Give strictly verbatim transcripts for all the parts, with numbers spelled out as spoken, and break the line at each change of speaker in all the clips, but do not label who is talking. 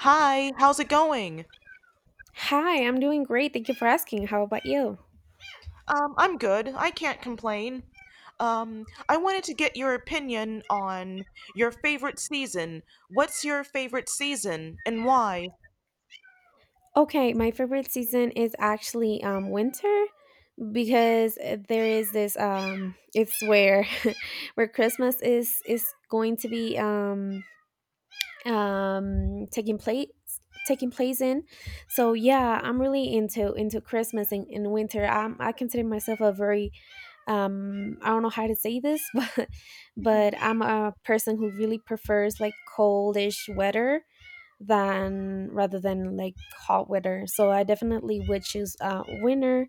Hi, how's it going?
Hi, I'm doing great. Thank you for asking. How about you?
Um, I'm good. I can't complain. Um, I wanted to get your opinion on your favorite season. What's your favorite season and why?
Okay, my favorite season is actually um, winter because uh, there is this um, it's where where Christmas is is going to be um, um taking place taking place in. So yeah, I'm really into into Christmas and, and winter. I'm, i consider myself a very um I don't know how to say this but but I'm a person who really prefers like coldish weather than rather than like hot weather, so I definitely would choose uh winter.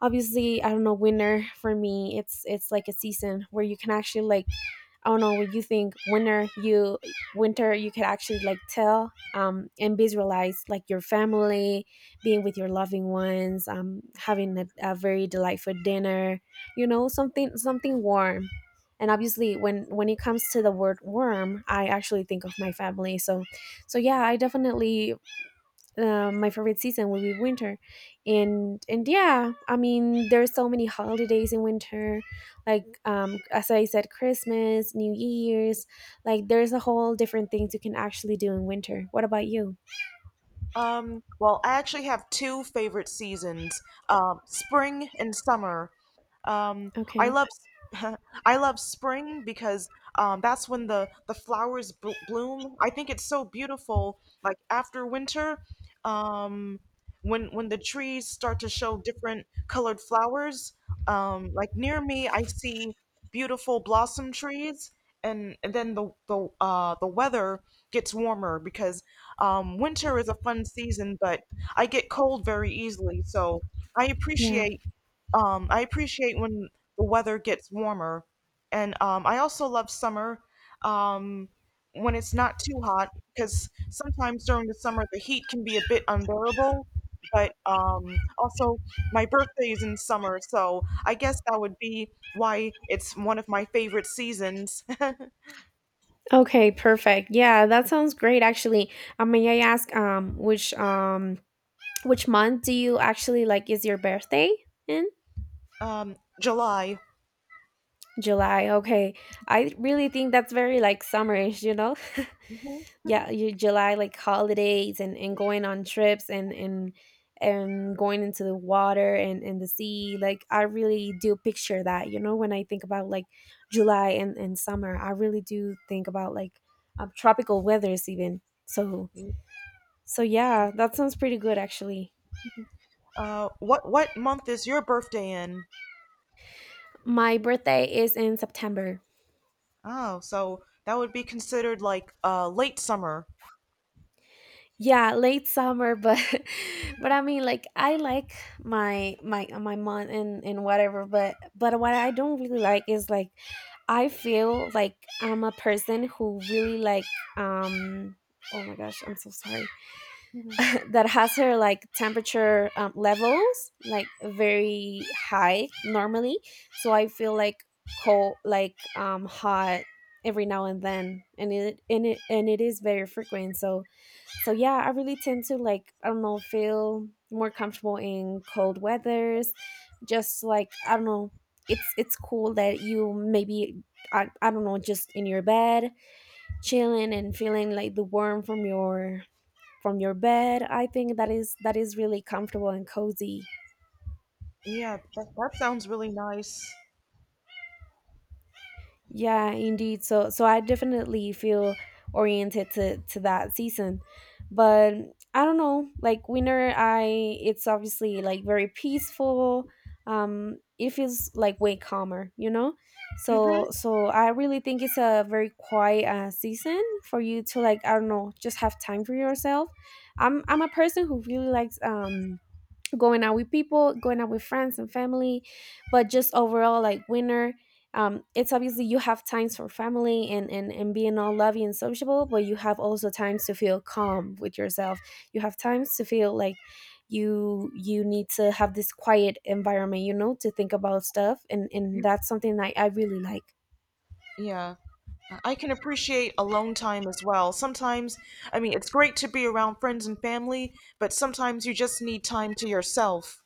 Obviously, I don't know, winter for me it's it's like a season where you can actually like I don't know what you think. Winter, you winter, you could actually like tell, um, and visualize like your family, being with your loving ones, um, having a, a very delightful dinner. You know, something something warm. And obviously, when when it comes to the word warm, I actually think of my family. So, so yeah, I definitely, uh, my favorite season will be winter. And and yeah, I mean there's so many holidays in winter, like um as I said, Christmas, New Year's. Like there's a whole different things you can actually do in winter. What about you?
Um, well, I actually have two favorite seasons, um, spring and summer. Um, I
Okay.
love I love spring because um, that's when the the flowers bl bloom. I think it's so beautiful. Like after winter, um, when when the trees start to show different colored flowers. Um, like near me, I see beautiful blossom trees, and, and then the the uh, the weather gets warmer because um, winter is a fun season, but I get cold very easily, so I
Yeah.
appreciate um, I appreciate when the weather gets warmer, and um, I also love summer um, when it's not too hot because sometimes during the summer the heat can be a bit unbearable. But um, also, my birthday is in summer, so I guess that would be why it's one of my favorite seasons.
Okay, perfect. Yeah, that sounds great actually. Uh, may I ask um which um which month do you actually like, is your birthday in?
um, July.
July. Okay. I really think that's very like summerish you know Yeah, your July, like holidays and and going on trips and and and going into the water and and the sea. Like I really do picture that, you know when I think about like July and and summer, I really do think about like um, tropical weathers. Even so so yeah, that sounds pretty good actually.
Uh, what what month is your birthday in?
My birthday is in September.
Oh, so that would be considered like uh late summer.
Yeah, late summer, but but I mean, like, I like my my my month and and whatever, but but what I don't really like is like I feel like I'm a person who really like um oh my gosh, I'm so sorry. That has her like temperature, um, levels like very high normally, so I feel like cold, like um hot every now and then, and it and it and it is very frequent. So so yeah, I really tend to like, I don't know, feel more comfortable in cold weathers. Just like, I don't know, it's it's cool that you maybe I, I don't know, just in your bed chilling and feeling like the warmth from your from your bed. I think that is that is really comfortable and cozy.
Yeah, that, that sounds really nice.
Yeah, indeed. So so I definitely feel oriented to to that season. But I don't know, like winter, I it's obviously like very peaceful. Um it feels like way calmer, you know?
Mm-hmm.
So so I really think it's a very quiet uh, season for you to like, I don't know, just have time for yourself. I'm I'm a person who really likes um going out with people, going out with friends and family, but just overall like winter. Um, it's obviously you have times for family and, and, and being all lovey and sociable, but you have also times to feel calm with yourself. You have times to feel like you you need to have this quiet environment, you know, to think about stuff, and, and that's something I, I really like.
Yeah. I I can appreciate alone time as well. Sometimes, I mean, it's great to be around friends and family, but sometimes you just need time to yourself.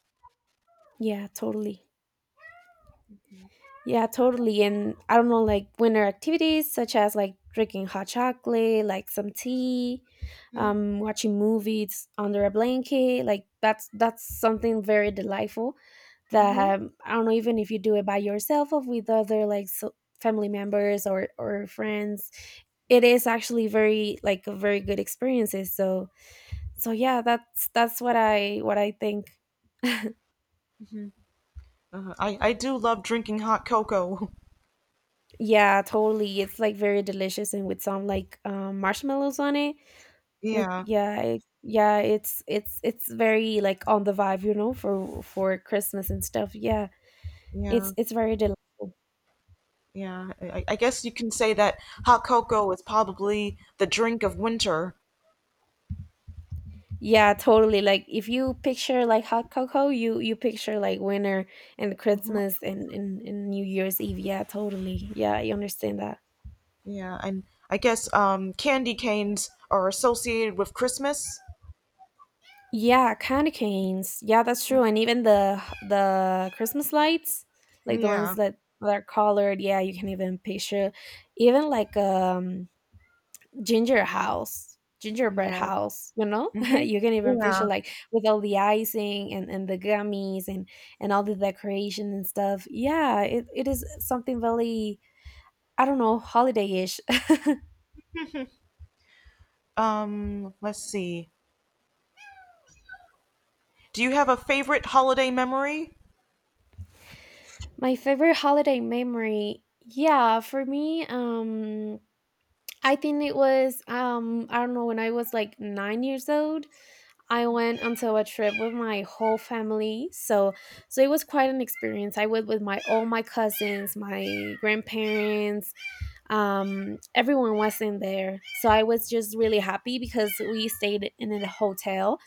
Yeah, totally. Yeah, totally. And I don't know, like winter activities such as like drinking hot chocolate, like some tea, um, watching movies under a blanket. Like that's that's something very delightful. That,
Mm-hmm.
um, I don't know, even if you do it by yourself or with other like so family members or or friends, it is actually very like a very good experiences. So so yeah, that's that's what I what I think.
Hmm. Uh, I, I do love drinking hot cocoa.
Yeah, totally. It's like very delicious and with some like um, marshmallows on it. Like
Yeah,
yeah, it, yeah, it's it's it's very like on the vibe, you know, for for Christmas and stuff. Yeah,
yeah,
it's it's very del-
yeah. I, I I guess you can say that hot cocoa is probably the drink of winter.
yeah, totally. Like if you picture like hot cocoa, you you picture like winter and Christmas and and, and New Year's Eve. Yeah, totally. Yeah, I understand that.
Yeah, and I guess um, candy canes are associated with Christmas.
Yeah, candy canes. Yeah, that's true.
Mm.
And even the the Christmas lights, like the ones
Yeah,
that that are colored. Yeah, you can even picture, even like um ginger house gingerbread
yeah.
house you know
Hmm.
You can even picture
Yeah.
like with all the icing and, and the gummies and and all the decoration and stuff. Yeah, it, it is something really, I don't know, holiday-ish.
Um, let's see. Do you have a favorite holiday memory?
My favorite holiday memory, yeah, for me, um I think it was, um I don't know, when I was like nine years old, I went onto a trip with my whole family. So so it was quite an experience. I went with my all my cousins, my grandparents, um everyone was in there. So I was just really happy because we stayed in a hotel,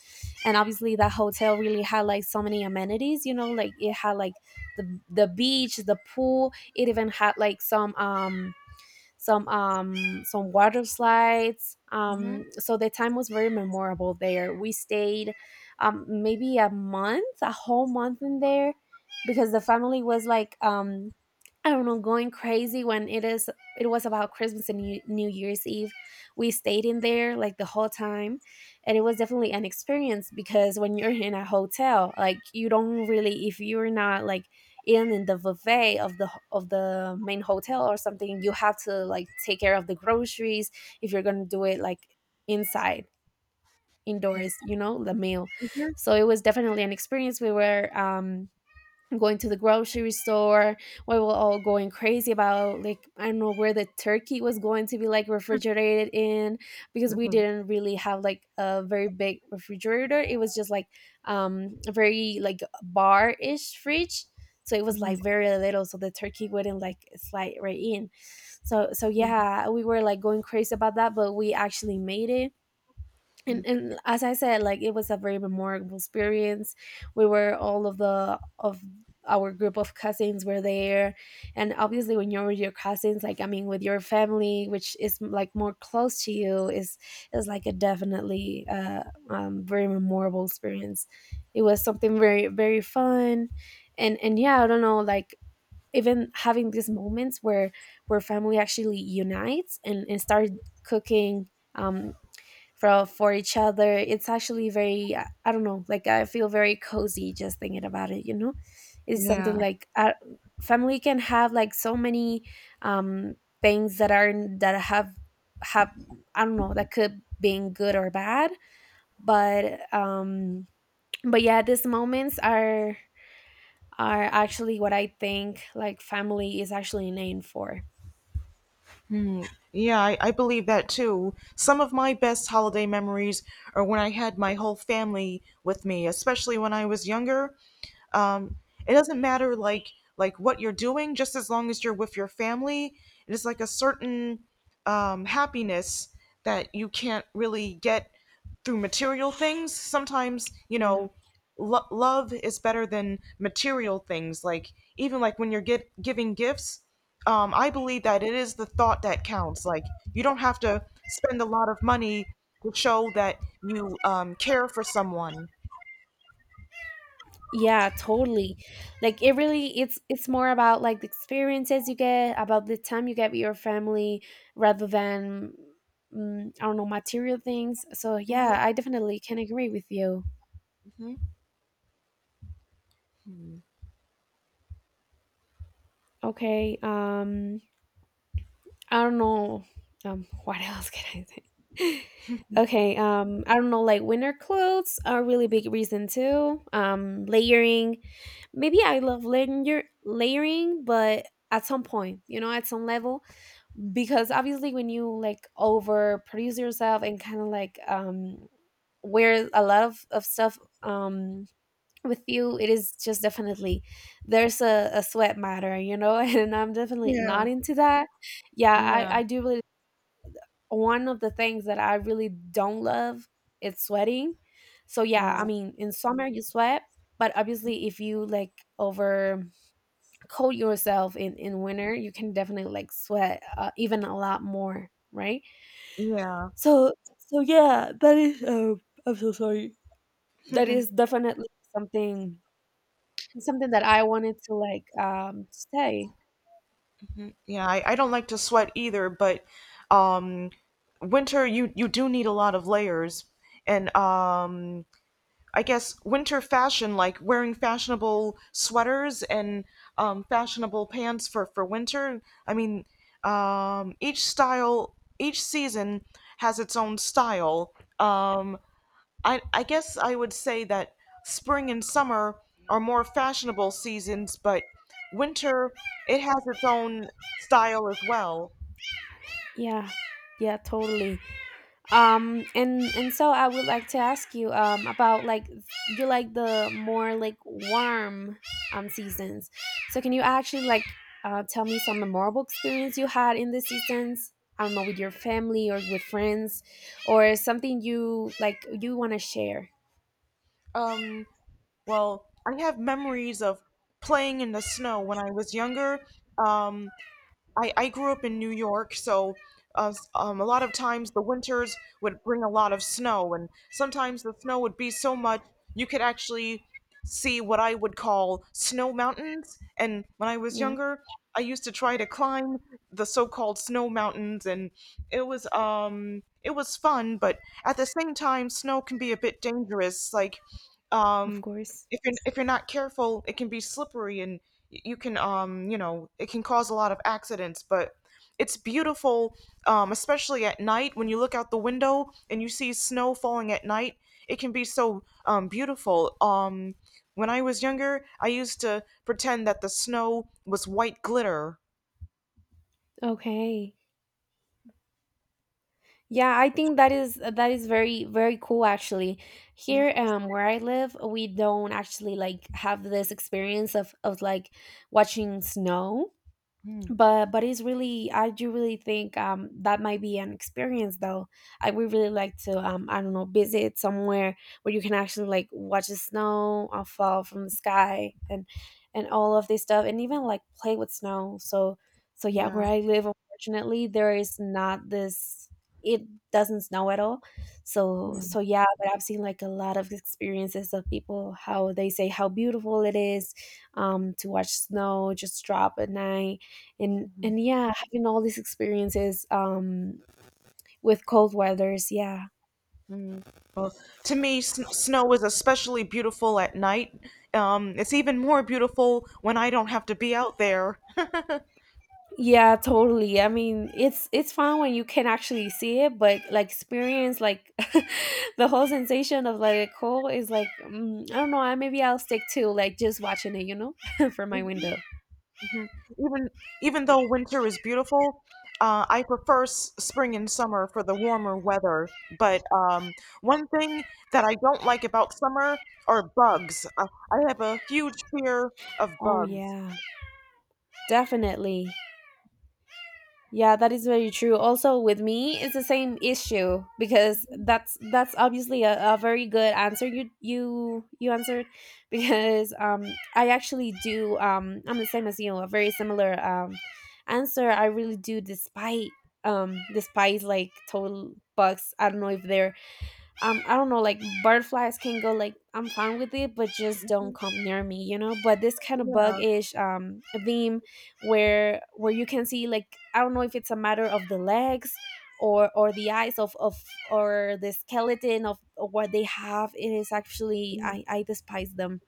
and obviously that hotel really had like so many amenities, you know, like it had like the the beach, the pool, it even had like some um some um, some water slides. Um,
Hmm.
so the time was very memorable there. We stayed, um, maybe a month, a whole month in there, because the family was like, um, I don't know, going crazy. When it is it was about Christmas and New New Year's Eve, we stayed in there like the whole time, and it was definitely an experience because when you're in a hotel, like you don't really if you're not like in in the buffet of the of the main hotel or something, you have to like take care of the groceries if you're going to do it like inside
Hmm.
indoors, you know, the meal. So it was definitely an experience. We were, um going to the grocery store, we were all going crazy about like, I don't know, where the turkey was going to be like refrigerated in, because we
Hmm.
didn't really have like a very big refrigerator. It was just like, um a very like bar-ish fridge, so it was
Hmm.
like very little, so the turkey wouldn't like slide right in. So so yeah, we were like going crazy about that, but we actually made it. And, and as I said, like, it was a very memorable experience. We were all of the of our group of cousins were there. And obviously, when you're with your cousins, like I mean, with your family, which is like more close to you, is is like a definitely uh um, very memorable experience. It was something very very fun. And and yeah, I don't know, like even having these moments where where family actually unites and and start cooking, um for for each other. It's actually very, uh, I don't know, like I feel very cozy just thinking about it. You know, it's something
Yeah.
like, uh, family can have like so many, um, things that are that have have, I don't know, that could being good or bad, but um, but yeah, these moments are are actually what I think like family is actually named for.
Yeah, I, I believe that too. Some of my best holiday memories are when I had my whole family with me, especially when I was younger. um, it doesn't matter, like like what you're doing, just as long as you're with your family. It is like a certain, um, happiness that you can't really get through material things sometimes you
Yeah.
know lo- Love is better than material things, like even like when you're get- giving gifts. um, I believe that it is the thought that counts. Like you don't have to spend a lot of money to show that you um, care for someone.
Yeah, totally. Like it really it's it's more about like the experiences you get, about the time you get with your family rather than, mm, I don't know, material things. So
Hmm.
yeah, I definitely can agree with you.
Hmm.
Okay, um I don't know, um what else can I say? Okay, um I don't know, like winter clothes are a really big reason too. Um layering. Maybe I love layer layering, but at some point, you know, at some level, because obviously when you like overproduce yourself and kind of like um wear a lot of, of stuff, um with you, it is just definitely there's a, a sweat matter you know And I'm definitely not into that. Yeah,
Yeah,
i i do really one of the things that I really don't love, it's sweating. So yeah, I
yeah,
mean, in summer you sweat, but obviously if you like over coat yourself in in winter, you can definitely like sweat, uh, even a lot more, right?
yeah.
So so yeah, that is, uh, I'm so sorry. That is definitely something something that I wanted to like um say.
Yeah, I, I don't like to sweat either, but um winter you you do need a lot of layers. And um I guess winter fashion, like wearing fashionable sweaters and um fashionable pants for for winter. I mean, um each style each season has its own style. Um I, I guess I would say that spring and summer are more fashionable seasons, but winter, it has its own style as well.
Yeah. Yeah, totally. Um and and so I would like to ask you um about like you like the more like warm um seasons. So can you actually like, uh, tell me some memorable experience you had in the seasons? I don't know, with your family or with friends or something you like you want to share.
Um, well, I have memories of playing in the snow when I was younger. Um, I, I grew up in New York, so uh, s- um, a lot of times the winters would bring a lot of snow, and sometimes the snow would be so much you could actually see what I would call snow mountains. And when I was
Yeah,
younger, I used to try to climb the so-called snow mountains, and it was um it was fun, but at the same time, snow can be a bit dangerous. Like,
of
um,
course.
if you're if you're not careful, it can be slippery, and you can, um you know it can cause a lot of accidents. But it's beautiful, um, especially at night when you look out the window and you see snow falling at night. It can be so um, beautiful. Um, when I was younger, I used to pretend that the snow was white glitter.
Okay. Yeah, I think that is that is very very cool actually. Here um where I live, we don't actually like have this experience of of like watching snow
Mm,
but but it's really, I do really think um that might be an experience though. I would really like to, um, I don't know, visit somewhere where you can actually like watch the snow uh, fall from the sky and and all of this stuff and even like play with snow. So so yeah, where
yeah.
I live, unfortunately, there is not this, it doesn't snow at all. So
Mm-hmm.
so yeah, but I've seen like a lot of experiences of people how they say how beautiful it is, um, to watch snow just drop at night. And and yeah, having all these experiences, um, with cold weathers, yeah.
Mm. Well, to me, sn- snow is especially beautiful at night. Um, it's even more beautiful when I don't have to be out there.
Yeah, totally, I mean it's it's fun when you can actually see it but like experience like the whole sensation of like a cold is like, mm, I don't know. I maybe I'll stick to like just watching it you know from my window.
Mhm. Even even though winter is beautiful, uh, I prefer s- spring and summer for the warmer weather. But um, one thing that I don't like about summer are bugs. I, I have a huge fear of
Oh
bugs.
yeah, definitely. Yeah, that is very true. Also, with me, it's the same issue because that's that's obviously a, a very good answer. You you you answered because um I actually do, um, I'm the same as you, a very similar, um, answer. I really do despite, um despise like total bugs. I don't know if they're, um, I don't know, like butterflies can go, like I'm fine with it, but just don't come near me, you know. But this kind of bug
Yeah,
is, um, a theme where where you can see, like I don't know if it's a matter of the legs or or the eyes of of or the skeleton of what they have. It is actually,
y-
i i despise them.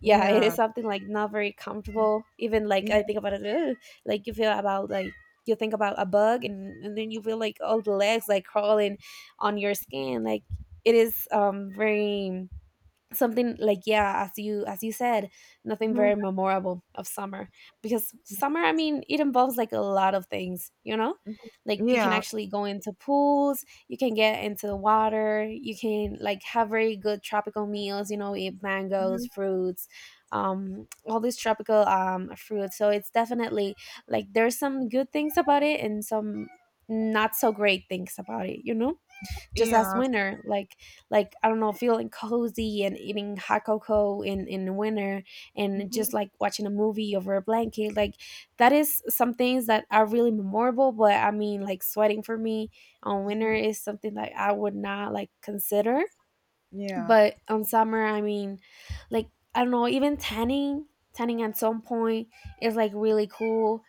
Yeah, it is
yeah,
something like not very comfortable. Even like I
yeah,
think about it, "Ugh," like you feel about, like, you think about a bug, and, and then you feel like all the legs like crawling on your skin, like it is, um, very something, like, yeah, as you as you said, nothing
mhm,
very memorable of summer. Because summer, I mean, it involves like a lot of things, you know, like you can
yeah,
actually go into pools, you can get into the water, you can like have very good tropical meals, you know, eat mangoes,
mhm,
fruits, um, all these tropical, um, fruits. So it's definitely like there's some good things about it and some not so great things about it, you know, just as
yeah,
winter, like like I don't know, feeling cozy and eating hot cocoa in in winter and just
mhm,
like watching a movie over a blanket, like that is some things that are really memorable. But I mean, like sweating for me on winter
mhm,
is something that I would not like consider.
yeah.
But on summer, I mean, like, I don't know, even tanning, tanning at some point is like really cool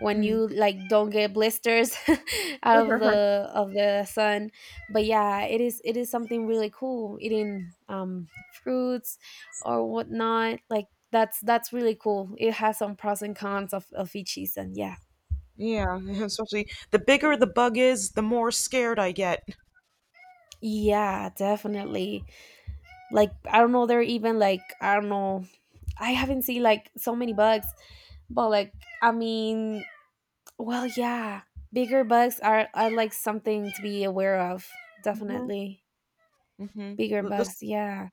when you like don't get blisters out of the of the sun. But yeah, it is it is something really cool, eating, um, fruits or whatnot, like that's that's really cool. It has some pros and cons of, of each season, yeah.
Yeah, especially the bigger the bug is, the more scared I get.
Yeah, definitely, like I don't know, they're even like, I don't know, I haven't seen like so many bugs, but like, I mean, well, yeah, bigger bugs are are like something to be aware of.
Hmm.
Definitely
Hmm.
bigger
The, the s-
bugs. Yeah.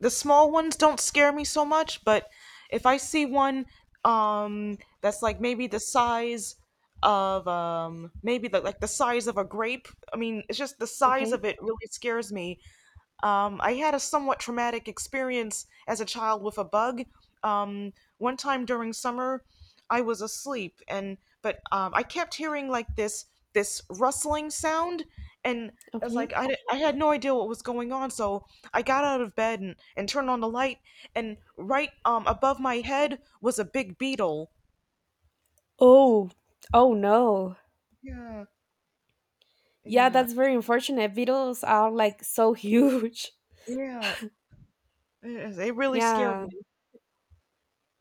the small ones don't scare me so much, but if I see one um that's like maybe the size of um maybe the, like the size of a grape. I mean, it's just the size
Okay.
of it really scares me. Um, I had a somewhat traumatic experience as a child with a bug. Um, One time during summer, I was asleep, and but um, I kept hearing like this this rustling sound, and I was
Okay.
like, I, di- I had no idea what was going on, so I got out of bed and, and turned on the light, and right, um, above my head was a big beetle.
Oh. Oh no.
Yeah,
Yeah,
yeah,
that's very unfortunate. Beetles are like so huge.
yeah. It, it really scared
Yeah.
me.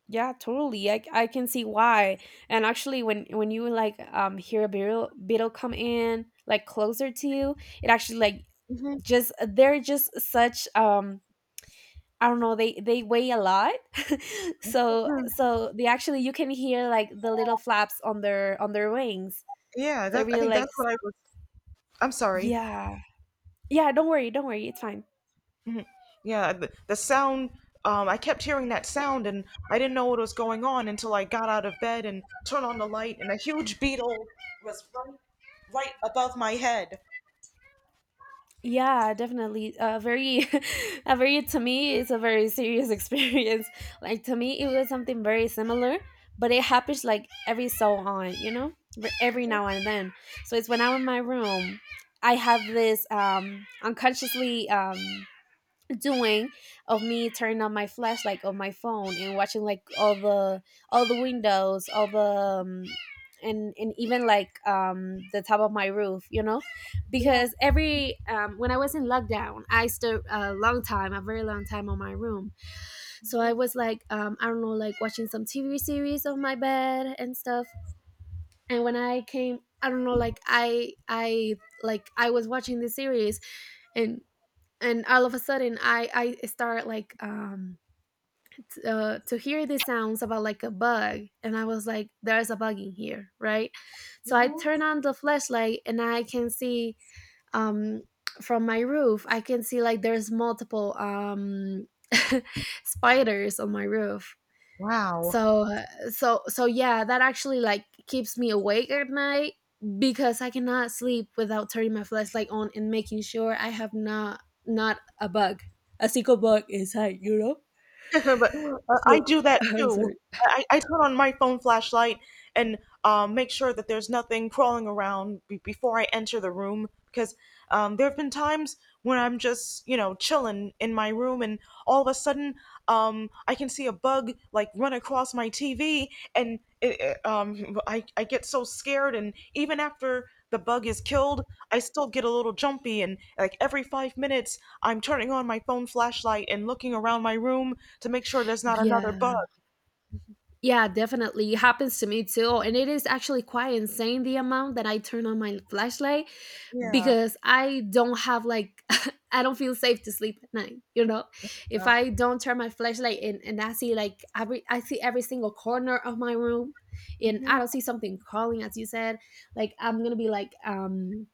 Yeah, totally. I, I can see why. And actually when when you like um hear a beetle beetle come in like closer to you, it actually like
Mhm.
just they're just such, um, I don't know, they they weigh a lot. So so they actually, you can hear like the little flaps on their on their wings.
Yeah,
So I
that I
really
think
like
that's
s-,
what I was. I'm sorry.
yeah. Yeah, don't worry, don't worry, it's fine.
Yeah, the, the sound, um, I kept hearing that sound and I didn't know what was going on until I got out of bed and turned on the light, and a huge beetle was right, right above my head.
Yeah, definitely. A very a very, to me it's a very serious experience. Like to me it was something very similar, but it happens like every so on, you know? But every
Mhm.
now and then. So it's when I'm in my room, I have this, um, unconsciously, um, doing of me turning on my flashlight on my phone and watching like all the all the windows, all the, um, and and even like um the top of my roof, you know,
Yeah.
because every um when I was in lockdown, I stood a long time, a very long time on my room. So I was like, um, I don't know, like watching some TV series on my bed and stuff. And when I came, I don't know, like, i i like I was watching the series and and all of a sudden, i I start like, um, t-, uh, to hear these sounds about like a bug and I was like, there's a bug in here, right? So I turn on the flashlight and I can see, um, from my roof I can see like there's multiple, um, spiders on my roof. So, uh, so so yeah, that actually like keeps me awake at night because I cannot sleep without turning my flashlight on and making sure I have not, not a bug, a single bug inside, you know?
But uh,
So
I do that
I'm
too.
sorry.
I, I turn on my phone flashlight and, um, make sure that there's nothing crawling around be- before I enter the room because um, there have been times when I'm just, you know, chilling in my room and all of a sudden, um, I can see a bug like run across my T V, and it, it, um, I, I get so scared. And even after the bug is killed, I still get a little jumpy. And like every five minutes, I'm turning on my phone flashlight and looking around my room to make sure there's not another
Yeah.
bug.
Yeah, definitely. It happens to me too. And it is actually quite insane the amount that I turn on my flashlight
Yeah.
because I don't have like I don't feel safe to sleep at night. You know, if I don't turn my flashlight in and I see like every, I see every single corner of my room, and I
Mm-hmm.
don't see something crawling, as you said, like I'm gonna be like, um,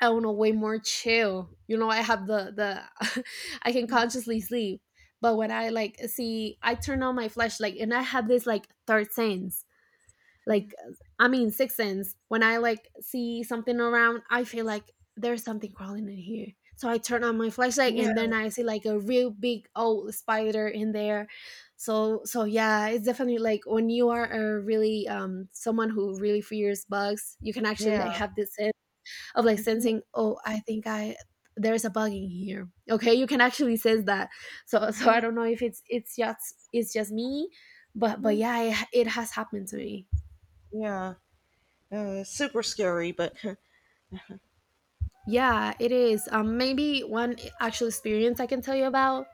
I don't know, way more chill. You know, I have the the I can consciously sleep. But when I like see, I turn on my flashlight and I have this like third sense, like, I mean, Sixth Sense, when I like see something around, I feel like there's something crawling in here. So I turn on my flashlight and then
Yeah.
I see like a real big old spider in there. So so yeah, it's definitely like when you are a really, um, someone who really fears bugs, you can actually
Yeah.
like have this sense of like
Mm-hmm.
sensing, oh, I think I, there's a bug in here. Okay, you can actually sense that. So so I
Mm-hmm.
don't know if it's it's just it's just me, but but
Hmm.
yeah, it, it has happened to me.
Yeah. Uh, it's super scary, but
Yeah, it is. Um, maybe one actual experience I can tell you about.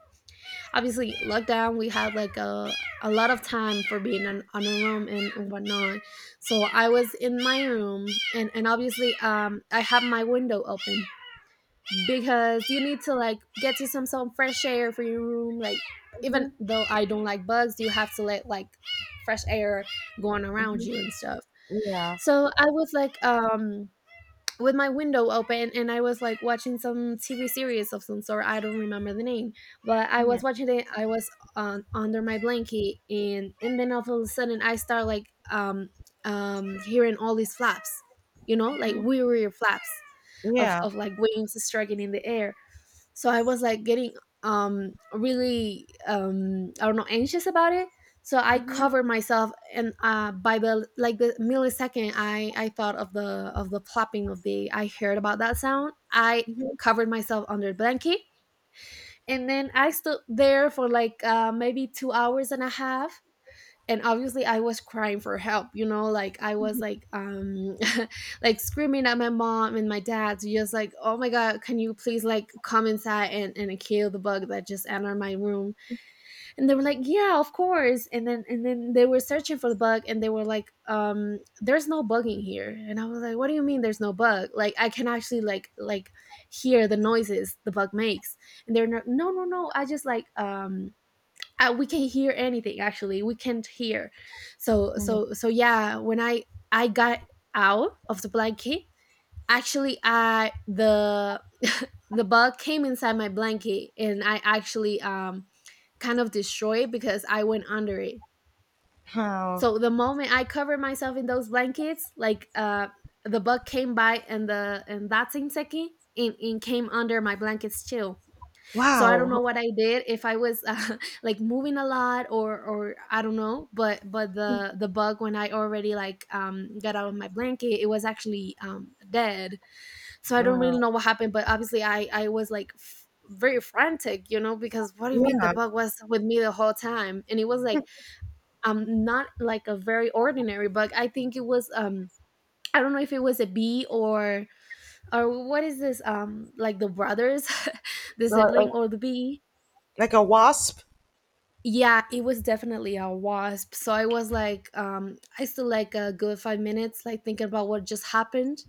Obviously, lockdown, we had like a, a lot of time for being on, on a room, and, and whatnot. So I was in my room, and, and obviously, um, I have my window open because you need to like get to some some fresh air for your room. Like, even
Mhm,
though I don't like bugs, you have to let like fresh air going around
mhm,
you and stuff.
yeah.
So I was like, um, with my window open and I was like watching some T V series of some sort. I don't remember the name, but I
Mhm,
was watching it. I was on under my blanket and and then all of a sudden I start like, um um, hearing all these flaps, you know, like
mhm,
weird, weird flaps of
yeah.
of like wings striking in the air. So I was like getting, um, really, um, I don't know, anxious about it. So I
Mhm,
covered myself, and uh, by the like the millisecond, i i thought of the of the plopping of the, I heard about that sound, I
mhm,
covered myself under a blanket, and then I stood there for like uh maybe two hours and a half. And obviously I was crying for help, you know, like I was
mhm,
like, um, like screaming at my mom and my dad to just like, oh my god, can you please like come inside and, and kill the bug that just entered my room? And they were like, yeah, of course. And then and then they were searching for the bug and they were like, um, there's no bug in here. And I was like, what do you mean there's no bug? Like I can actually like like hear the noises the bug makes. And they're not, no, no, no, I just like, um, uh, we can hear anything, actually we can't hear. So
mhm.
so so yeah, when i i got out of the blanket, actually I, the the bug came inside my blanket and I actually, um, kind of destroyed it because I went under it.
Oh,
So the moment I covered myself in those blankets, like uh the bug came by, and the, and that same second, and, and came under my blankets too. So I don't know
wow.
what I did, if I was, uh, like moving a lot or or I don't know. but but the the bug, when I already like, um, got out of my blanket, it was actually, um, dead. So I don't really
Wow.
know what happened, but obviously i i was like f- very frantic, you know because what do you mean the
Yeah.
bug was with me the whole time, and it was like, um not like a very ordinary bug. I think it was, um I don't know if it was a bee or or what is this, um like the brothers, the
Uh, uh,
sibling or the bee.
Like a wasp.
Yeah, it was definitely a wasp. So I was like, um, I still like a good five minutes, like thinking about what just happened,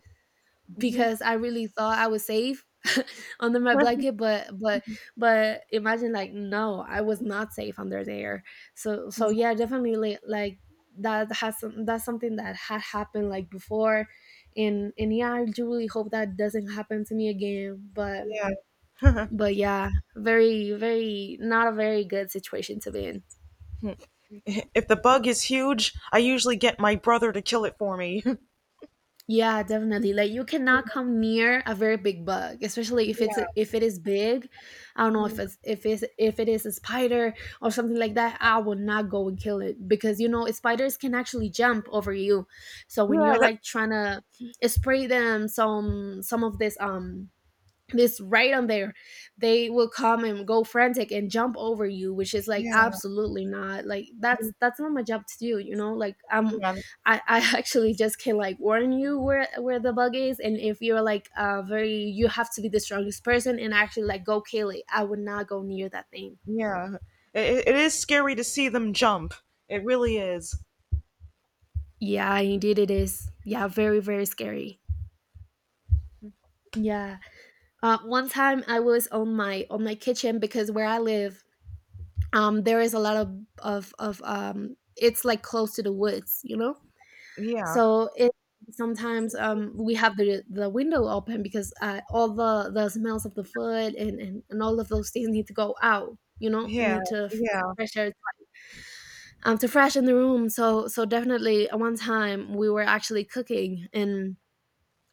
Mhm.
because I really thought I was safe under my blanket, but but but imagine, like, no, I was not safe under there. So so yeah, definitely like that has some, that's something that had happened like before, and and yeah, I do really hope that doesn't happen to me again. But
Yeah.
but yeah, very very not a very good situation to be in.
If the bug is huge, I usually get my brother to kill it for me.
Yeah, definitely. Like you cannot come near a very big bug, especially if it's
Yeah.
if it is big. I don't know if
Mhm.
it's if it's if it is a spider or something like that. I would not go and kill it, because you know spiders can actually jump over you. So when you're
Yeah. That,
like trying to spray them some some of this, um this, right on there, they will come and go frantic and jump over you, which is like
yeah.
absolutely not, like, that's that's not my job to do, you know, like, um
Yeah.
i i actually just can like warn you where where the bug is, and if you're like, uh very — you have to be the strongest person and actually like go kill it, I would not go near that thing.
Yeah. It, it is scary to see them jump. It really is.
Yeah, indeed it is, yeah, very very scary, yeah. Uh, one time I was on my on my kitchen, because where I live, um, there is a lot of of of um, it's like close to the woods, you know.
Yeah.
So it sometimes, um, we have the the window open, because, uh, all the the smells of the food and, and and all of those things need to go out, you know,
Yeah.
need to f-
Yeah.
fresh air, um, to freshen the room. So so definitely, at one time we were actually cooking. and.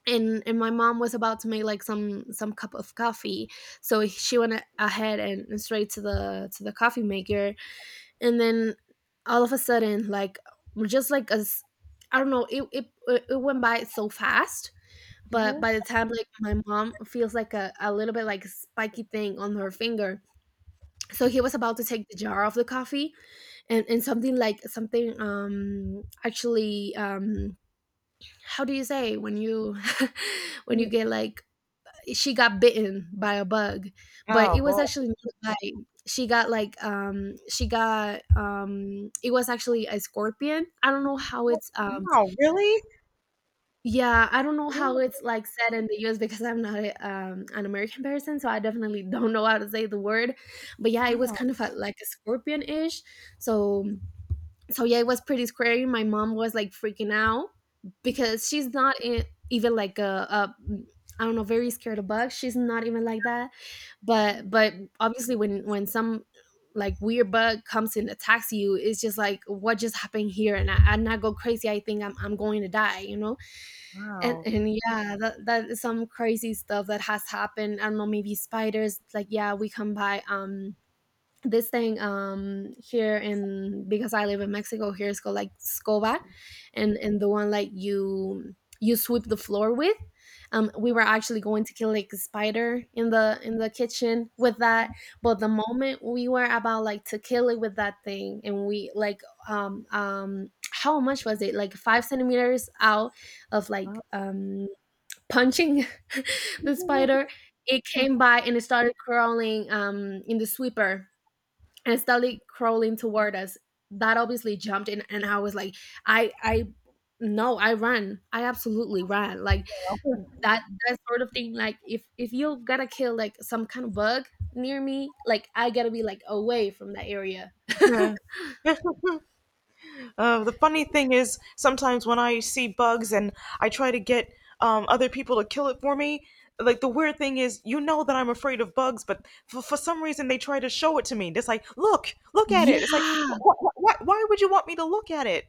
And, and my mom was about to make like some some cup of coffee, so she went a- ahead and, and straight to the to the coffee maker, and then all of a sudden, like, just like, as I don't know, it, it it went by so fast, but
Mhm.
by the time, like, my mom feels like a, a little bit like spiky thing on her finger. So he was about to take the jar of the coffee, and and something, like, something, um actually, um how do you say when you when you
Mm.
get like — she got bitten by a bug, but
Oh,
it was
boy.
actually not a bite. She got like, um she got, um it was actually a scorpion. I don't know how
Oh.
it's, um
Wow, really?
yeah, I don't know how
Mm.
it's like said in the U S, because I'm not a, um, an American person, so I definitely don't know how to say the word. But yeah, it was
Wow.
kind of a, like a scorpion ish. So so yeah, it was pretty scary. My mom was like freaking out, because she's not in, even like a, a I don't know, very scared of bugs. She's not even like that. But but obviously, when when some, like, weird bug comes and attacks you, it's just like, what just happened here? And I, and I go crazy. I think I'm I'm going to die, you know? And
Wow.
and yeah, that that is some crazy stuff that has happened. I don't know, maybe spiders, like, yeah, we come by, um this thing, um here in — because I live in Mexico, here it's called like scoba, and and the one like you you sweep the floor with. um we were actually going to kill like a spider in the in the kitchen with that, but the moment we were about like to kill it with that thing, and we like, um um how much was it, like, five centimeters out of, like, um punching the spider, it came by and it started crawling, um in the sweeper, and started crawling toward us. That obviously jumped in, and I was like, I, I, no, I ran. I absolutely ran. Like, that, that sort of thing. Like, if if you gotta kill like some kind of bug near me, like I gotta be like away from that area.
Uh, the funny thing is, sometimes when I see bugs and I try to get, um, other people to kill it for me, like the weird thing is, you know that I'm afraid of bugs, but for, for some reason they try to show it to me. It's like, look, look at it. It's like,
yeah,
wh- wh- wh- why would you want me to look at it?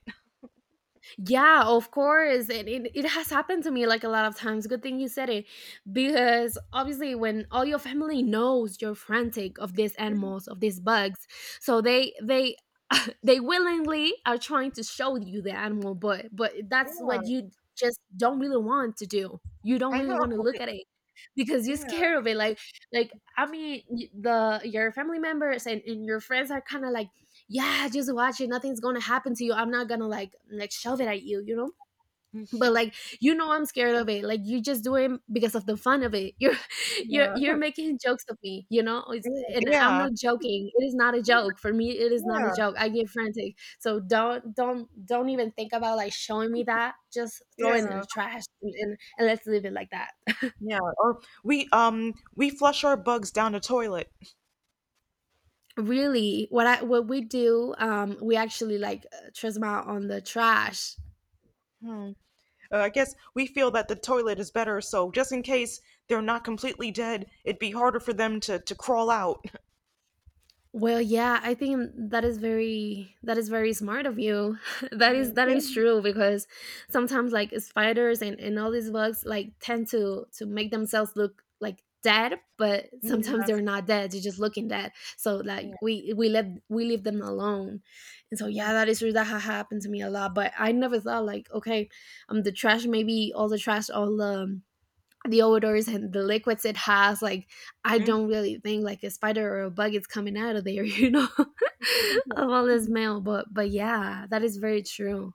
yeah, of course. And it, it has happened to me like a lot of times. Good thing you said it. Because obviously, when all your family knows you're frantic of these animals, of these bugs, so they, they, they willingly are trying to show you the animal, but but that's
Yeah,
what you just don't really want to do. You don't
I
really
know.
want to look at it because you're
Yeah,
scared of it. Like, like I mean, y- the your family members and, and your friends are kind of like, yeah, just watch it. Nothing's gonna happen to you. I'm not gonna, like, like shove it at you, you know. But like, you know, I'm scared of it. Like, you just do it because of the fun of it. You're you're you're
yeah,
making jokes of me, you know. It's, and I'm
yeah,
not joking. It is not a joke for me. It is not a
yeah,
joke. I get frantic. So don't don't don't even think about like showing me that. Just throw
yeah,
it in the
yeah,
trash, and, and, and let's leave it like that.
yeah. Or we um we flush our bugs down the toilet.
Really, what I what we do, um, we actually like, uh, trisma on the trash.
Hmm. Uh, I guess we feel that the toilet is better, so just in case they're not completely dead, it'd be harder for them to to crawl out.
Well, yeah, I think that is very that is very smart of you. that is that is true, because sometimes like spiders and, and all these bugs like tend to to make themselves look like dead, but sometimes
Yeah,
they're not dead, they're just looking dead. So like
yeah,
we we let we leave them alone. And so
mhm.
yeah, that is true. That ha happened to me a lot. But I never thought like, okay, um the trash, maybe all the trash, all the the odors and the liquids it has, like, I don't really think like a spider or a bug is coming out of there, you know. Of all this smell, but but yeah, that is very true.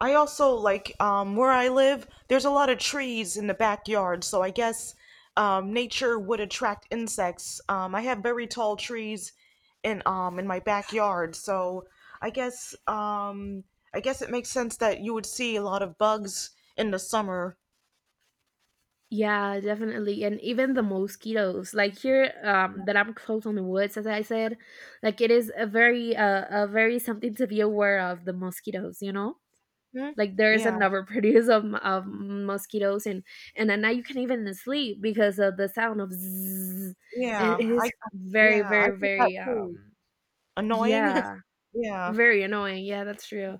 I also like, um, where I live. There's a lot of trees in the backyard, so I guess, um, nature would attract insects. Um, I have very tall trees in um in my backyard, so I guess um I guess it makes sense that you would see a lot of bugs in the summer.
Yeah, definitely, and even the mosquitoes, like, here, um that I'm close on the woods, as I said, like, it is a very uh, a very something to be aware of — the mosquitoes, you know.
Hmm?
Like there's
Yeah,
another produce of, m- of mosquitoes. and and at night you can not even sleep because of the sound of zzz, and it
yeah, I
is very
yeah I
very
think that
very,
too.
um
Annoying.
yeah,
Yeah.
very annoying, yeah, that's true.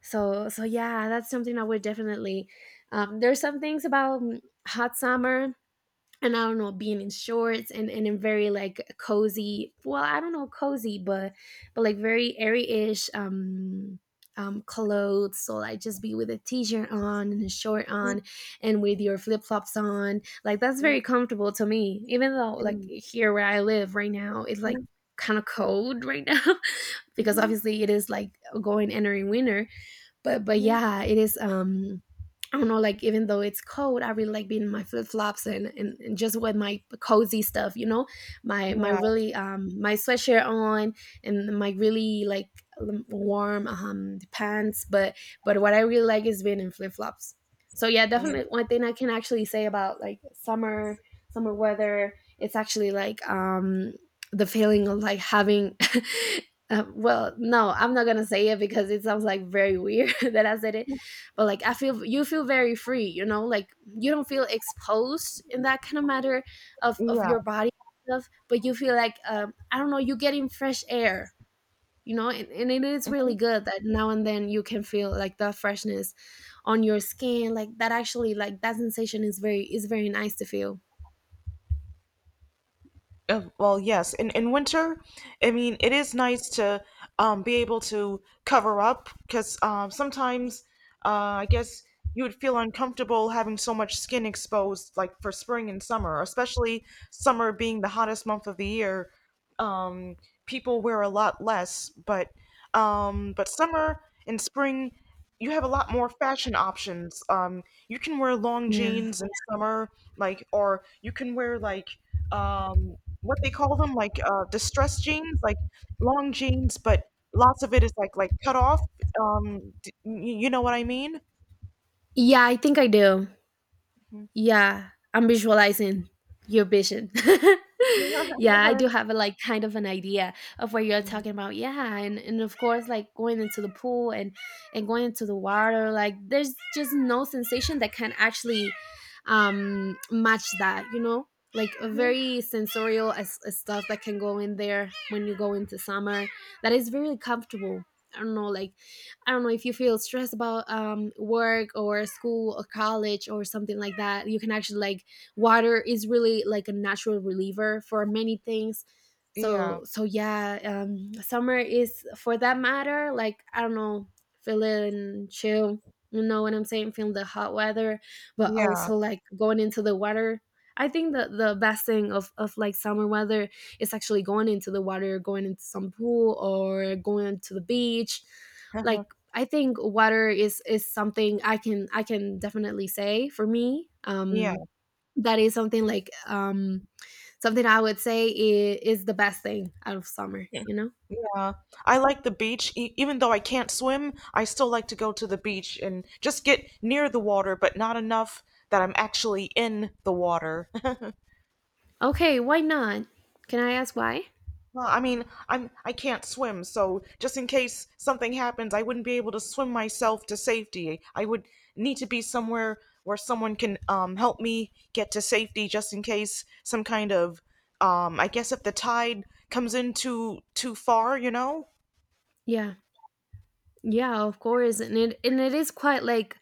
So so yeah, that's something I would definitely, um there's some things about, mm, hot summer, and I don't know, being in shorts and, and in very, like, cozy, well, I don't know, cozy, but but like very airy-ish, um um clothes. So like just be with a t-shirt on and a short
Yeah.
on and with your flip-flops on. Like that's very comfortable to me. Even though, like,
Mm.
here where I live right now, it's like
Mhm.
kind of cold right now because
Mhm.
obviously it is like going — entering winter. But but
Mhm.
yeah, it is, um I don't know, like even though it's cold, I really like being in my flip-flops, and, and and just with my cozy stuff, you know, my my
Yeah.
really, um my sweatshirt on, and my really like, l- warm, um pants. But but what I really like is being in flip-flops. So yeah,
Yeah.
definitely one thing I can actually say about, like, summer summer weather — it's actually like, um the feeling of like having. Um, well, no, I'm not gonna say it because it sounds like very weird that I said it. But like, I feel, you feel very free, you know, like you don't feel exposed in that kind of matter of of
Yeah.
your body and stuff. But you feel like, um, I don't know, you're getting fresh air, you know, and, and it is really good that now and then you can feel like the freshness on your skin, like that. Actually, like that sensation is very is very nice to feel.
Uh, well, yes. In in winter, I mean, it is nice to, um, be able to cover up because, um, sometimes, uh, I guess you would feel uncomfortable having so much skin exposed, like for spring and summer, especially summer being the hottest month of the year. Um, People wear a lot less, but um, but summer and spring, you have a lot more fashion options. Um, you can wear long
Yeah,
jeans in summer, like, or you can wear like um what they call them, like uh, distress jeans, like long jeans, but lots of it is like like cut off. Um, d- y- you know what I mean?
yeah, I think I do.
Mhm.
Yeah, I'm visualizing your vision. Yeah, I do have a like kind of an idea of what you're talking about. Yeah, and and of course, like going into the pool and and going into the water, like there's just no sensation that can actually, um match that, you know? Like a
Mhm.
very sensorial, as, as stuff that can go in there when you go into summer that is very comfortable. I don't know, like, I don't know if you feel stressed about um, work or school or college or something like that. You can actually like, water is really like a natural reliever for many things.
Yeah,
So so yeah, um, summer is for that matter. Like, I don't know, feeling chill. You know what I'm saying? Feeling the hot weather, but
yeah,
also like going into the water. I think that the best thing of, of like summer weather is actually going into the water, going into some pool or going to the beach. Like, I think water is is something I can I can definitely say for me.
yeah,
Um, that is something like um, something I would say is, is the best thing out of summer. You know.
yeah. I like the beach. E- even though I can't swim, I still like to go to the beach and just get near the water, but not enough that I'm actually in the water.
Okay, why not? Can I ask why?
Well, I mean, I'm I can't swim, so just in case something happens, I wouldn't be able to swim myself to safety. I would need to be somewhere where someone can, um, help me get to safety, just in case some kind of, um, I guess if the tide comes in too too far, you know?
Yeah. Yeah, of course. And it and it is quite like,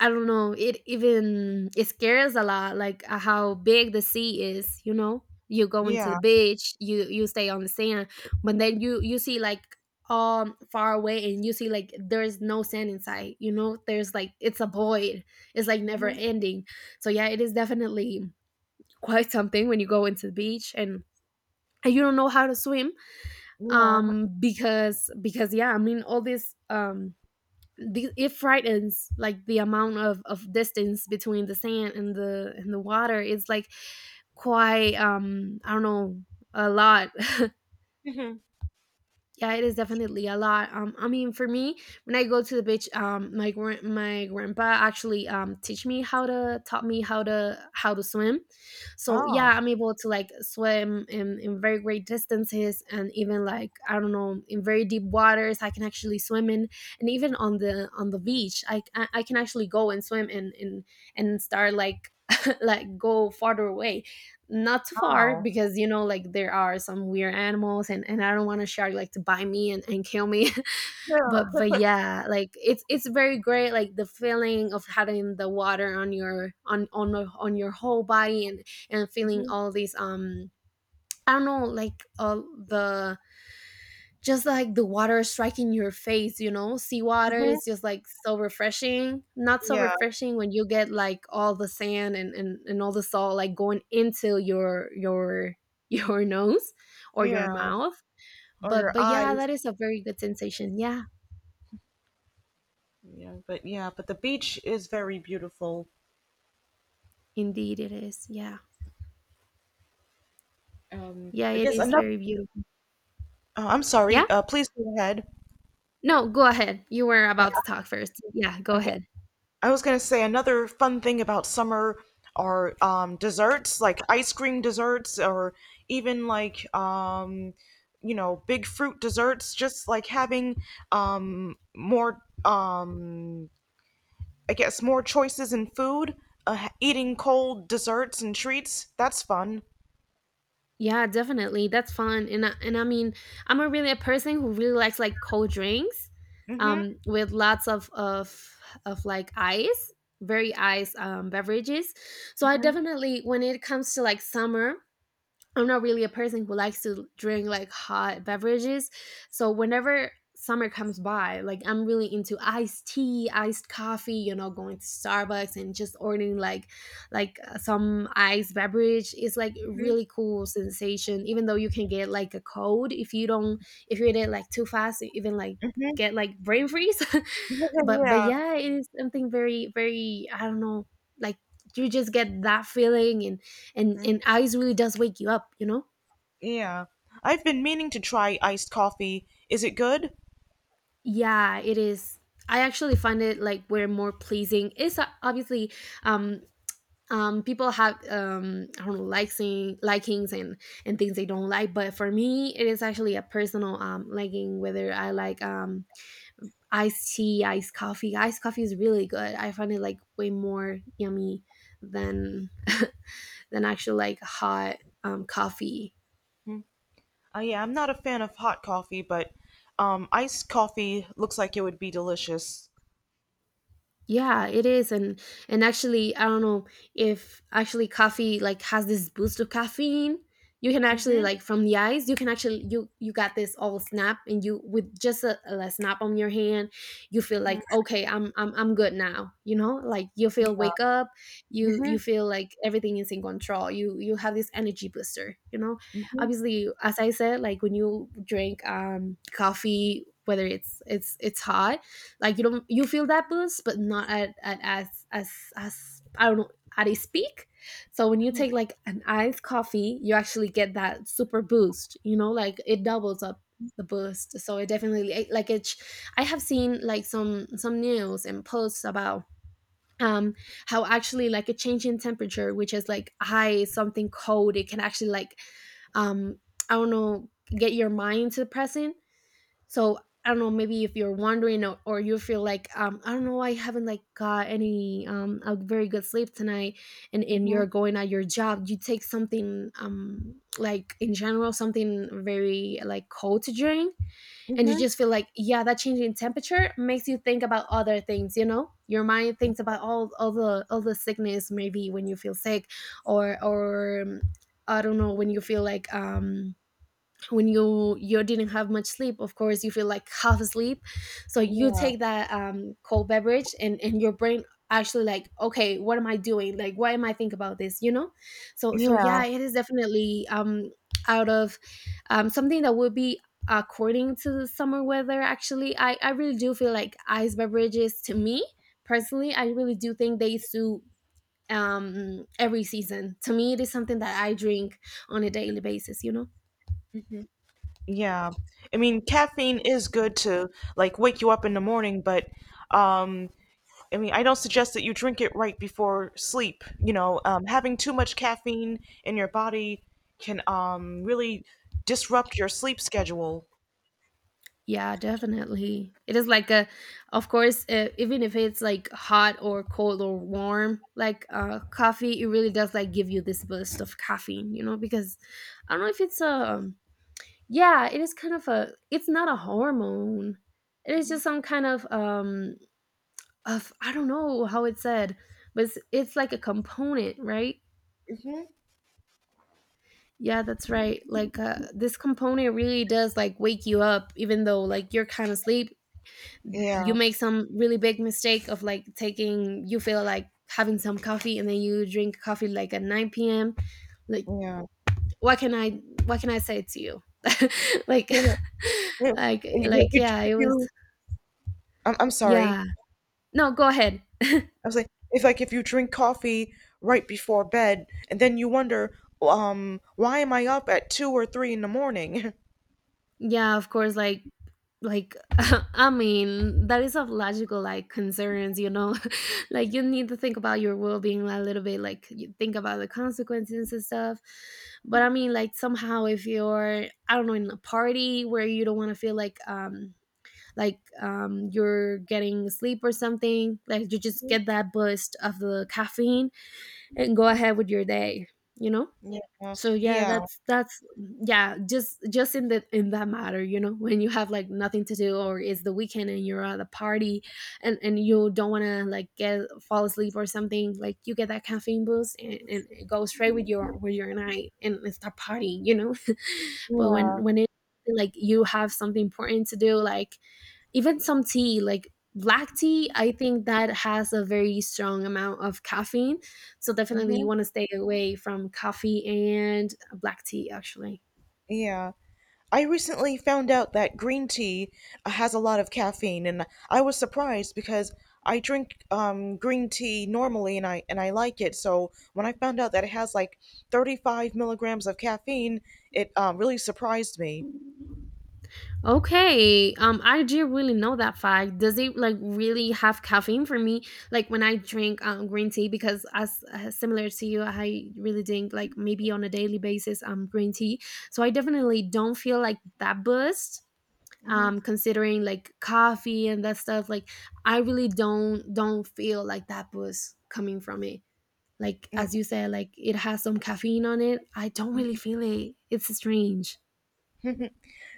I don't know, it even it scares a lot like uh, how big the sea is, you know? You go into the
Yeah.
beach, you you stay on the sand, but then you you see like um far away and you see like there's no sand inside, you know? There's like it's a void. It's like never
Hmm.
ending. So yeah, it is definitely quite something when you go into the beach and and you don't know how to swim,
Yeah.
um because because yeah, I mean all this um the, it frightens like the amount of, of distance between the sand and the and the water is like quite um I don't know, a lot.
Mhm.
Yeah, it is definitely a lot. Um, I mean, for me, when I go to the beach, um, my gran- my grandpa actually um teach me how to taught me how to how to swim. So yeah,
Oh,
I'm able to like swim in in very great distances and even like, I don't know, in very deep waters. I can actually swim in, and even on the on the beach, I I, I can actually go and swim and and and start like like go farther away, not too far
wow.
because, you know, like there are some weird animals and, and I don't want a shark like to bite me and, and kill me. but
Yeah.
but yeah, like it's it's very great, like the feeling of having the water on your on on, on your whole body and and feeling
Mhm.
all these um I don't know, like all the, just like the water striking your face, you know. Seawater
Mhm.
is just like so refreshing. Not so
Yeah.
refreshing when you get like all the sand and, and, and all the salt like going into your your your nose or your
Yeah.
mouth.
Or
But
your
but yeah,
eyes.
that is a very good sensation. Yeah,
Yeah, but yeah, but the beach is very beautiful.
indeed it is. Yeah.
Um,
Yeah,
I
it
guess
is
another
very beautiful.
Uh, I'm
Yeah?
sorry. Uh, please go ahead.
No, go ahead. You were
Uh,
about to talk first. Yeah, go
okay.
ahead.
I was gonna say another fun thing about summer are um, desserts, like ice cream desserts, or even like um, you know big fruit desserts. Just like having um, more, um, I guess, more choices in food. Uh, ha- eating cold desserts and treats. That's fun.
Yeah, definitely. That's fun. And I, and I mean, I'm a really a person who really likes like cold drinks
Mhm.
um with lots of of of like ice, very ice um beverages. So I
Mhm.
definitely when it comes to like summer, I'm not really a person who likes to drink like hot beverages. So whenever summer comes by, like I'm really into iced tea, iced coffee, you know, going to Starbucks and just ordering like like uh, some iced beverage is like
Mhm.
really cool sensation, even though you can get like a cold if you don't, if you eat it like too fast, even like
Mhm.
get like brain freeze. but but
yeah.
yeah, it is something very very, I don't know, like you just get that feeling, and
Mhm.
and ice really does wake you up, you know.
Yeah. I've been meaning to try iced coffee. Is it good?
Yeah, it is. I actually find it like we're more pleasing. It's uh, obviously, um um people have um I don't know, liking likings, and and things they don't like. But for me, it is actually a personal um liking, whether I like um iced tea, iced coffee. Iced coffee is really good. I find it like way more yummy than than actual like hot um coffee.
Mm. Uh, yeah, I'm not a fan of hot coffee, but um, iced coffee looks like it would be delicious.
Yeah, it is, and and actually, I don't know if actually coffee like has this boost of caffeine. You can actually
Mhm.
like from the ice, you can actually, you you got this all snap, and you, with just a, a snap on your hand, you feel like,
Mhm.
okay, I'm I'm I'm good now. You know, like you feel wake up, you you
Mhm.
feel like everything is in control. You you have this energy booster. You know,
Mhm.
obviously, as I said, like when you drink um coffee, whether it's it's it's hot, like you don't, you feel that boost but not at, at as as as I don't know, at a peak. So when you take like an iced coffee, you actually get that super boost, you know, like it doubles up the boost. So it definitely it- like it sh- I have seen like some some news and posts about um how actually like a change in temperature, which is like high something cold, it can actually like um I don't know, get your mind to the present. So, I don't know, maybe if you're wondering or, or you feel like, um, I don't know, I haven't like got any um, a very good sleep tonight and, and you're
Mhm.
going at your job, you take something, um, like in general something very like cold to drink, and you
Mhm.
just feel like, yeah, that change in temperature makes you think about other things, you know, your mind thinks about all, all the all the sickness maybe when you feel sick or or um, I don't know, when you feel like um when you you didn't have much sleep, of course you feel like half asleep, so you
Yeah.
take that um, cold beverage and and your brain actually like, okay, what am I doing, like why am I think about this, you know. So so
Yeah.
yeah, it is definitely um out of um something that would be according to the summer weather. Actually, i i really do feel like ice beverages to me personally. I really do think they suit um every season, to me it is something that I drink on a daily basis, you know.
Yeah. I mean, caffeine is good to like wake you up in the morning, but um, I mean, I don't suggest that you drink it right before sleep. You know, um, having too much caffeine in your body can um really disrupt your sleep schedule.
Yeah, definitely. It is like a, of course, uh, even if it's like hot or cold or warm, like uh, coffee, it really does like give you this burst of caffeine, you know, because I don't know if it's a, um, yeah, it is kind of a, it's not a hormone. It is
Mhm.
just some kind of, um, of, I don't know how it's said, but it's, it's like a component, right?
Mhm.
Yeah, that's right. Like, uh, this component really does like wake you up, even though like you're kind of asleep, you
Yeah.
make some really big mistake of like taking, you feel like having some coffee and then you drink coffee like at nine p.m. like,
Yeah.
what can i what can I say to you, like
Yeah, you-
like
you-
like
If
yeah, it was.
you, I'm, I'm sorry.
Yeah, no, go ahead.
I was like, if like if you drink coffee right before bed, and then you wonder, um, why am I up at two or three in the morning?
Yeah, of course. Like, like I mean, that is of logical like concerns. You know, like you need to think about your well being a little bit. Like you think about the consequences and stuff. But I mean, like somehow if you're, I don't know, in a party where you don't want to feel like um like um you're getting sleep or something, like you just get that boost of the caffeine and go ahead with your day. You know,
Yeah,
so yeah,
yeah,
that's that's yeah, just just in the in that matter, you know, when you have like nothing to do or it's the weekend and you're at a party and and you don't want to like get fall asleep or something, like you get that caffeine boost and, and it goes straight with your with your night and and start partying, you know. But
yeah,
when when it like you have something important to do, like even some tea, like black tea, I think that has a very strong amount of caffeine, so definitely you
hmm
want to stay away from coffee and black tea actually.
yeah. I recently found out that green tea uh, has a lot of caffeine, and I was surprised because I drink um, green tea normally, and I and I like it. So when I found out that it has like thirty-five milligrams of caffeine, it um, really surprised me.
Okay, um I do really know that fact. Does it like really have caffeine for me like when I drink um, green tea? Because as uh, similar to you, I really drink like maybe on a daily basis um green tea, so I definitely don't feel like that boost.
Mhm.
Um considering like coffee and that stuff, like I really don't don't feel like that boost coming from it, like
Mm,
as you said, like it has some caffeine on it, I don't really
mhm.
feel it, it's strange.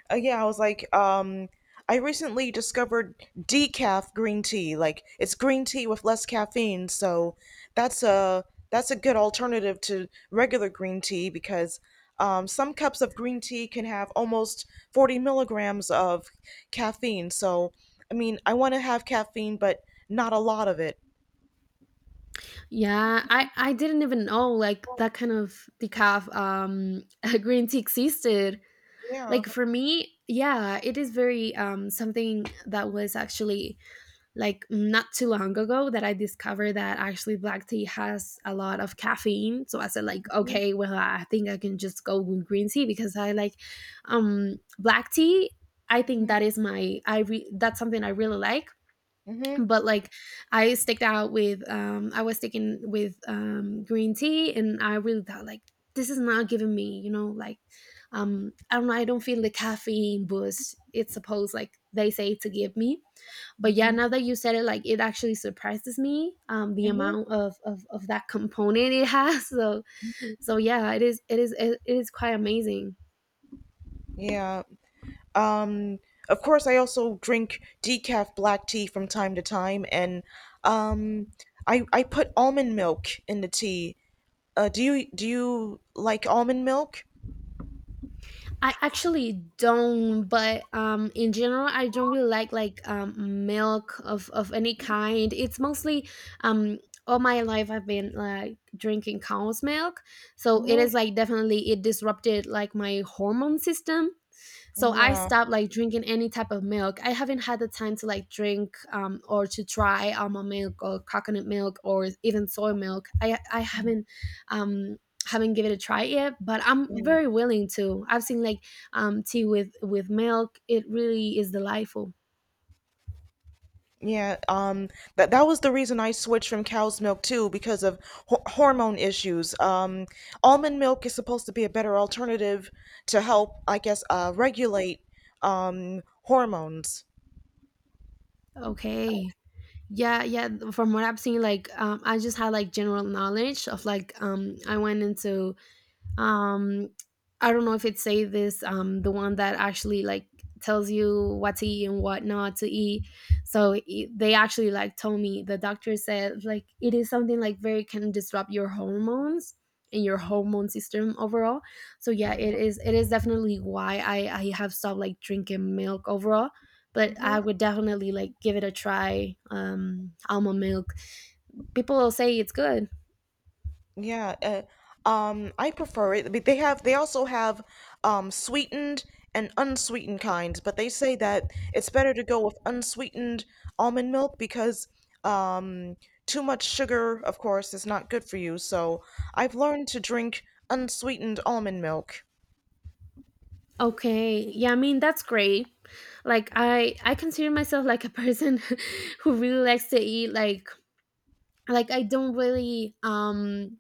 Uh, yeah, I was like, um, I recently discovered decaf green tea. Like it's green tea with less caffeine, so that's a that's a good alternative to regular green tea because um, some cups of green tea can have almost forty milligrams of caffeine. So, I mean, I want to have caffeine, but not a lot of it.
Yeah, i i didn't even know like that kind of decaf um green tea existed.
Yeah.
Like for me, yeah, it is very um something that was actually like not too long ago that I discovered that actually black tea has a lot of caffeine. So I said like,
Mm-hmm.
okay, well I think I can just go with green tea because I like um black tea. I think
Mm-hmm.
that is my I re- that's something I really like.
Mm-hmm.
But like I sticked out with um I was sticking with um green tea and I really thought like this is not giving me, you know, like um I don't know, I don't feel the caffeine boost it's supposed, like they say, to give me. But yeah, now that you said it, like it actually surprises me um the
Mm-hmm.
amount of of, of that component it has. So so yeah, is it is it, is it is quite amazing.
Yeah. Um of course I also drink decaf black tea from time to time and um I I put almond milk in the tea. Uh do you do you like almond milk?
I actually don't, but um in general, I don't really like like um milk of of any kind. It's mostly um all my life I've been like drinking cow's milk, so it
Mhm.
is like definitely it disrupted like my hormone system. So I
Yeah.
stopped like drinking any type of milk. I haven't had the time to like drink um, or to try almond milk or coconut milk or even soy milk. I i haven't um haven't given it a try yet, but I'm
Mm.
very willing to. I've seen like um tea with with milk, it really is delightful.
Yeah, um that that was the reason I switched from cow's milk too because of ho- hormone issues. Um almond milk is supposed to be a better alternative to help I guess uh regulate um hormones.
Okay, yeah yeah, th- from what I've seen, like um, I just had like general knowledge of like um I went into um I don't know if it say this, um the one that actually like tells you what to eat and what not to eat, so it, they actually like told me, the doctor said like it is something like very can disrupt your hormones and your hormone system overall. So yeah, it is, it is definitely why i i have stopped like drinking milk overall, but I would definitely like give it a try, um almond milk, people will say it's good.
Yeah, uh, um, I prefer it. But they have they also have um sweetened and unsweetened kinds, but they say that it's better to go with unsweetened almond milk because um too much sugar, of course, is not good for you. So I've learned to drink unsweetened almond milk.
Okay. Yeah, I mean that's great. Like I I consider myself like a person who really likes to eat, like like I don't really um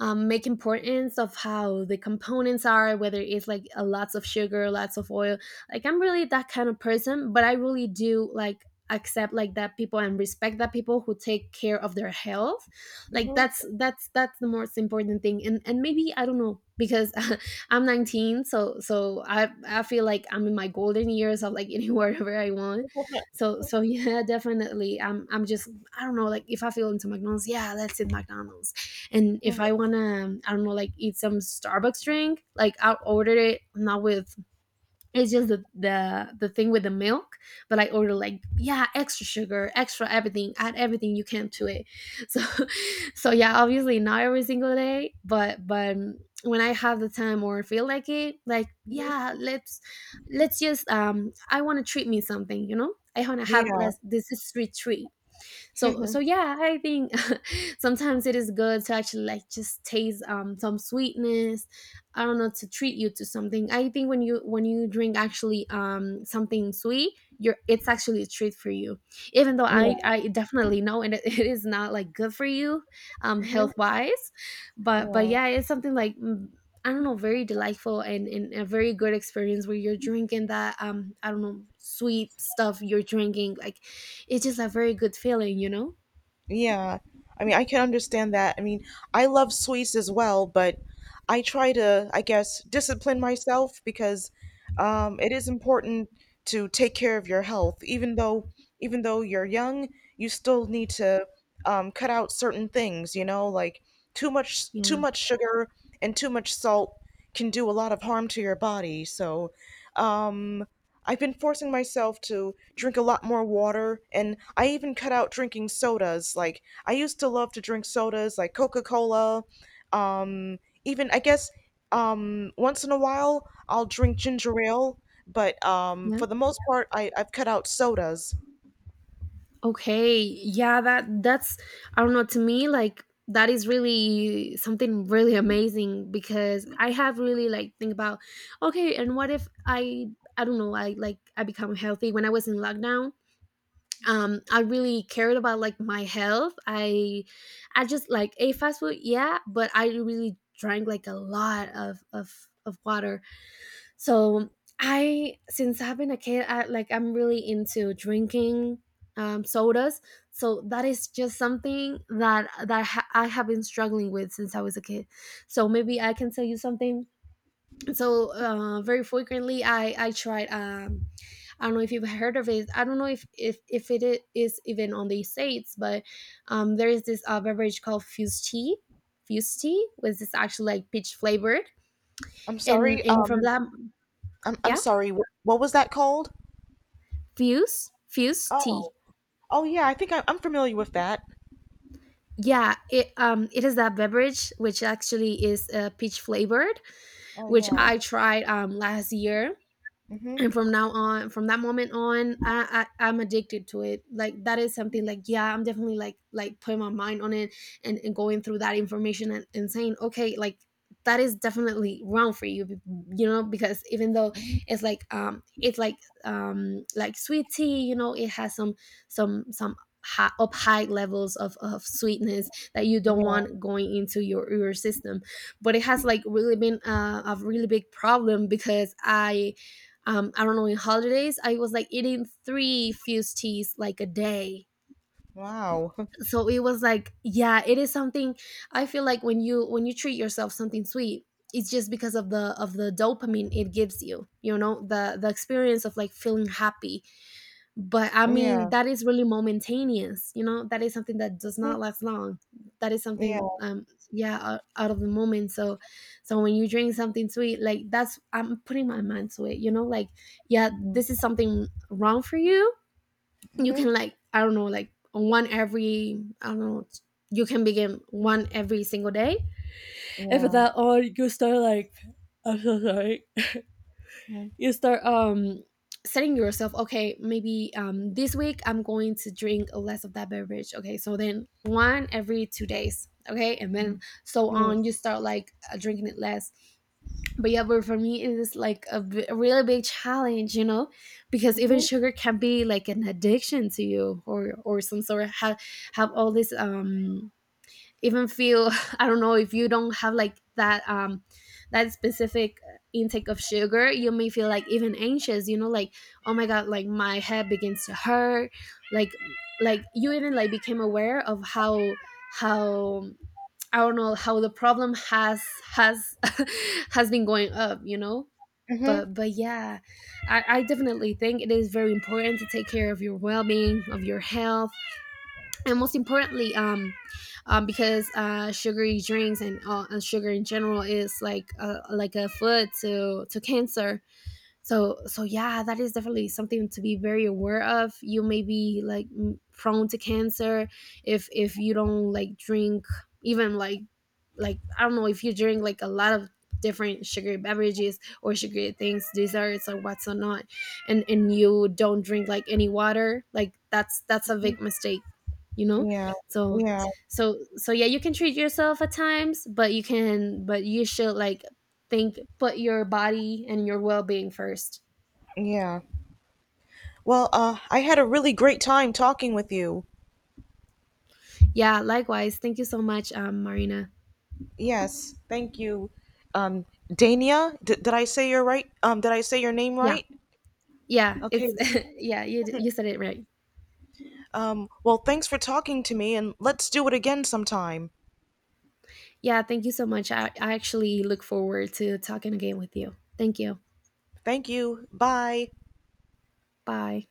um, make importance of how the components are, whether it's like a lots of sugar, lots of oil. Like I'm really that kind of person, but I really do like accept like that people and respect that people who take care of their health. Like
Mhm.
that's that's that's the most important thing. and and maybe I don't know, because I'm nineteen, so so i i feel like I'm in my golden years of like eating whatever I want. So so yeah, definitely i'm i'm just, I don't know, like if I feel into McDonald's, yeah, let's eat McDonald's. And if I wanna, I don't know, like eat some Starbucks drink, like I'll order it not with, it's just the the, the thing with the milk, but I order like, yeah, extra sugar, extra everything, add everything you can to it. So so yeah, obviously not every single day, but but um, when I have the time or feel like it, like yeah, let's let's just um I wanna treat me something, you know? I wanna have
Yeah.
less, this is street treat. So so yeah, I think sometimes it is good to actually like just taste um some sweetness, I don't know, to treat you to something. I think when you when you drink actually um something sweet, you're, it's actually a treat for you, even though
Yeah.
i i definitely know and it, it is not like good for you um
Mhm. Yeah.
health wise. but but
Mhm.
yeah, it's something like mm, I don't know, very delightful and, and a very good experience where you're drinking that, um I don't know, sweet stuff you're drinking, like it is a very good feeling, you know.
Yeah. I mean, I can understand that. I mean, I love sweets as well, but I try to, I guess, discipline myself because um, it is important to take care of your health. Even though, even though you're young, you still need to um, cut out certain things, you know, like too much, too
Yeah
much sugar and too much salt can do a lot of harm to your body. So, um, I've been forcing myself to drink a lot more water, and I even cut out drinking sodas. Like, I used to love to drink sodas like Coca Cola. Um, Even, I guess, um, once in a while, I'll drink ginger ale, but um,
yeah,
for the most part, I, I've cut out sodas.
okay yeah, that that's, I don't know, to me like that is really something really amazing, because I have really like think about, okay and what if I, I don't know, I like I become healthy when I was in lockdown. Um I really cared about like my health. i i just like ate fast food, yeah, but I really drank like a lot of of of water. So I, since I've been a kid, I like I'm really into drinking um, sodas. So that is just something that that ha- I have been struggling with since I was a kid. So maybe I can tell you something. So uh, very frequently, I I tried. Um, I don't know if you've heard of it. I don't know if if if it i- is even on the states, but um, there is this uh, beverage called fused tea. Fused tea, which is actually like peach flavored,
I'm
and
sorry.
and from
Um,
that,
I'm, I'm
yeah.
sorry. wh- What was that called?
Fuse? Fuse
Oh,
tea.
oh yeah, I think I, I'm familiar with that.
Yeah, it um it is that beverage which actually is uh, peach flavored,
Oh
which
yeah.
I tried um last year,
Mhm.
and from now on, from that moment on, I, I I'm addicted to it. Like that is something like, yeah, I'm definitely like like putting my mind on it, and, and going through that information and, and saying okay, like that is definitely wrong for you, be- you know, because even though it's like um it's like um like sweet tea, you know, it has some some some high, up high levels of, of sweetness that you don't
Yeah.
want going into your your system, but it has like really been uh, a really big problem because I, um, I don't know, in holidays, I was like eating three fused teas like a day.
Wow.
So it was like, yeah, it is something, I feel like when you when you treat yourself something sweet, it's just because of the of the dopamine it gives you. You know, the the experience of like feeling happy. But I mean
Yeah.
that is really momentaneous, you know, that is something that does not
Mhm.
last long. That is something,
Yeah.
um yeah, out, out of the moment. So so when you drink something sweet, like that's, I'm putting my mind to it, you know, like yeah, this is something wrong for you. You
Mhm.
can like, I don't know, like one every, I don't know, you can begin one every single day. After that, or you start like, I'm so sorry,
Yeah.
you start um setting yourself, okay maybe um this week I'm going to drink less of that beverage, okay so then one every two days, okay and then so on
Mm,
you start like uh, drinking it less. But yeah, but for me it is like a b- a really big challenge, you know, because even
mhm,
sugar can be like an addiction to you, or or some sort of have have all this um even feel, I don't know, if you don't have like that um that specific intake of sugar, you may feel like even anxious, you know, like oh my god, like my head begins to hurt, like like you even like became aware of how how I don't know, how the problem has has has been going up, you know.
mhm.
but but yeah, I, I definitely think it is very important to take care of your well-being, of your health. And most importantly, um, um because uh sugary drinks and uh, and sugar in general is like a, like a food to to cancer. So so yeah, that is definitely something to be very aware of. You may be like m- prone to cancer if if you don't like drink, even like like I don't know, if you drink like a lot of different sugary beverages or sugary things, desserts or what's or not, and and you don't drink like any water, like that's that's a big mistake, you know.
Yeah,
So
yeah,
so so yeah, you can treat yourself at times, but you can, but you should like think, put your body and your well-being first.
yeah. Well, uh, I had a really great time talking with you.
Yeah, likewise, thank you so much, um Marina.
Yes, thank you. Um, Dania, d- did I say your right? Um, did I say your name
Yeah,
right?
yeah,
Okay.
it's yeah you, you said it right.
Um, well, thanks for talking to me, and let's do it again sometime.
Yeah, thank you so much, I, I actually look forward to talking again with you. Thank you.
Thank you. Bye.
Bye.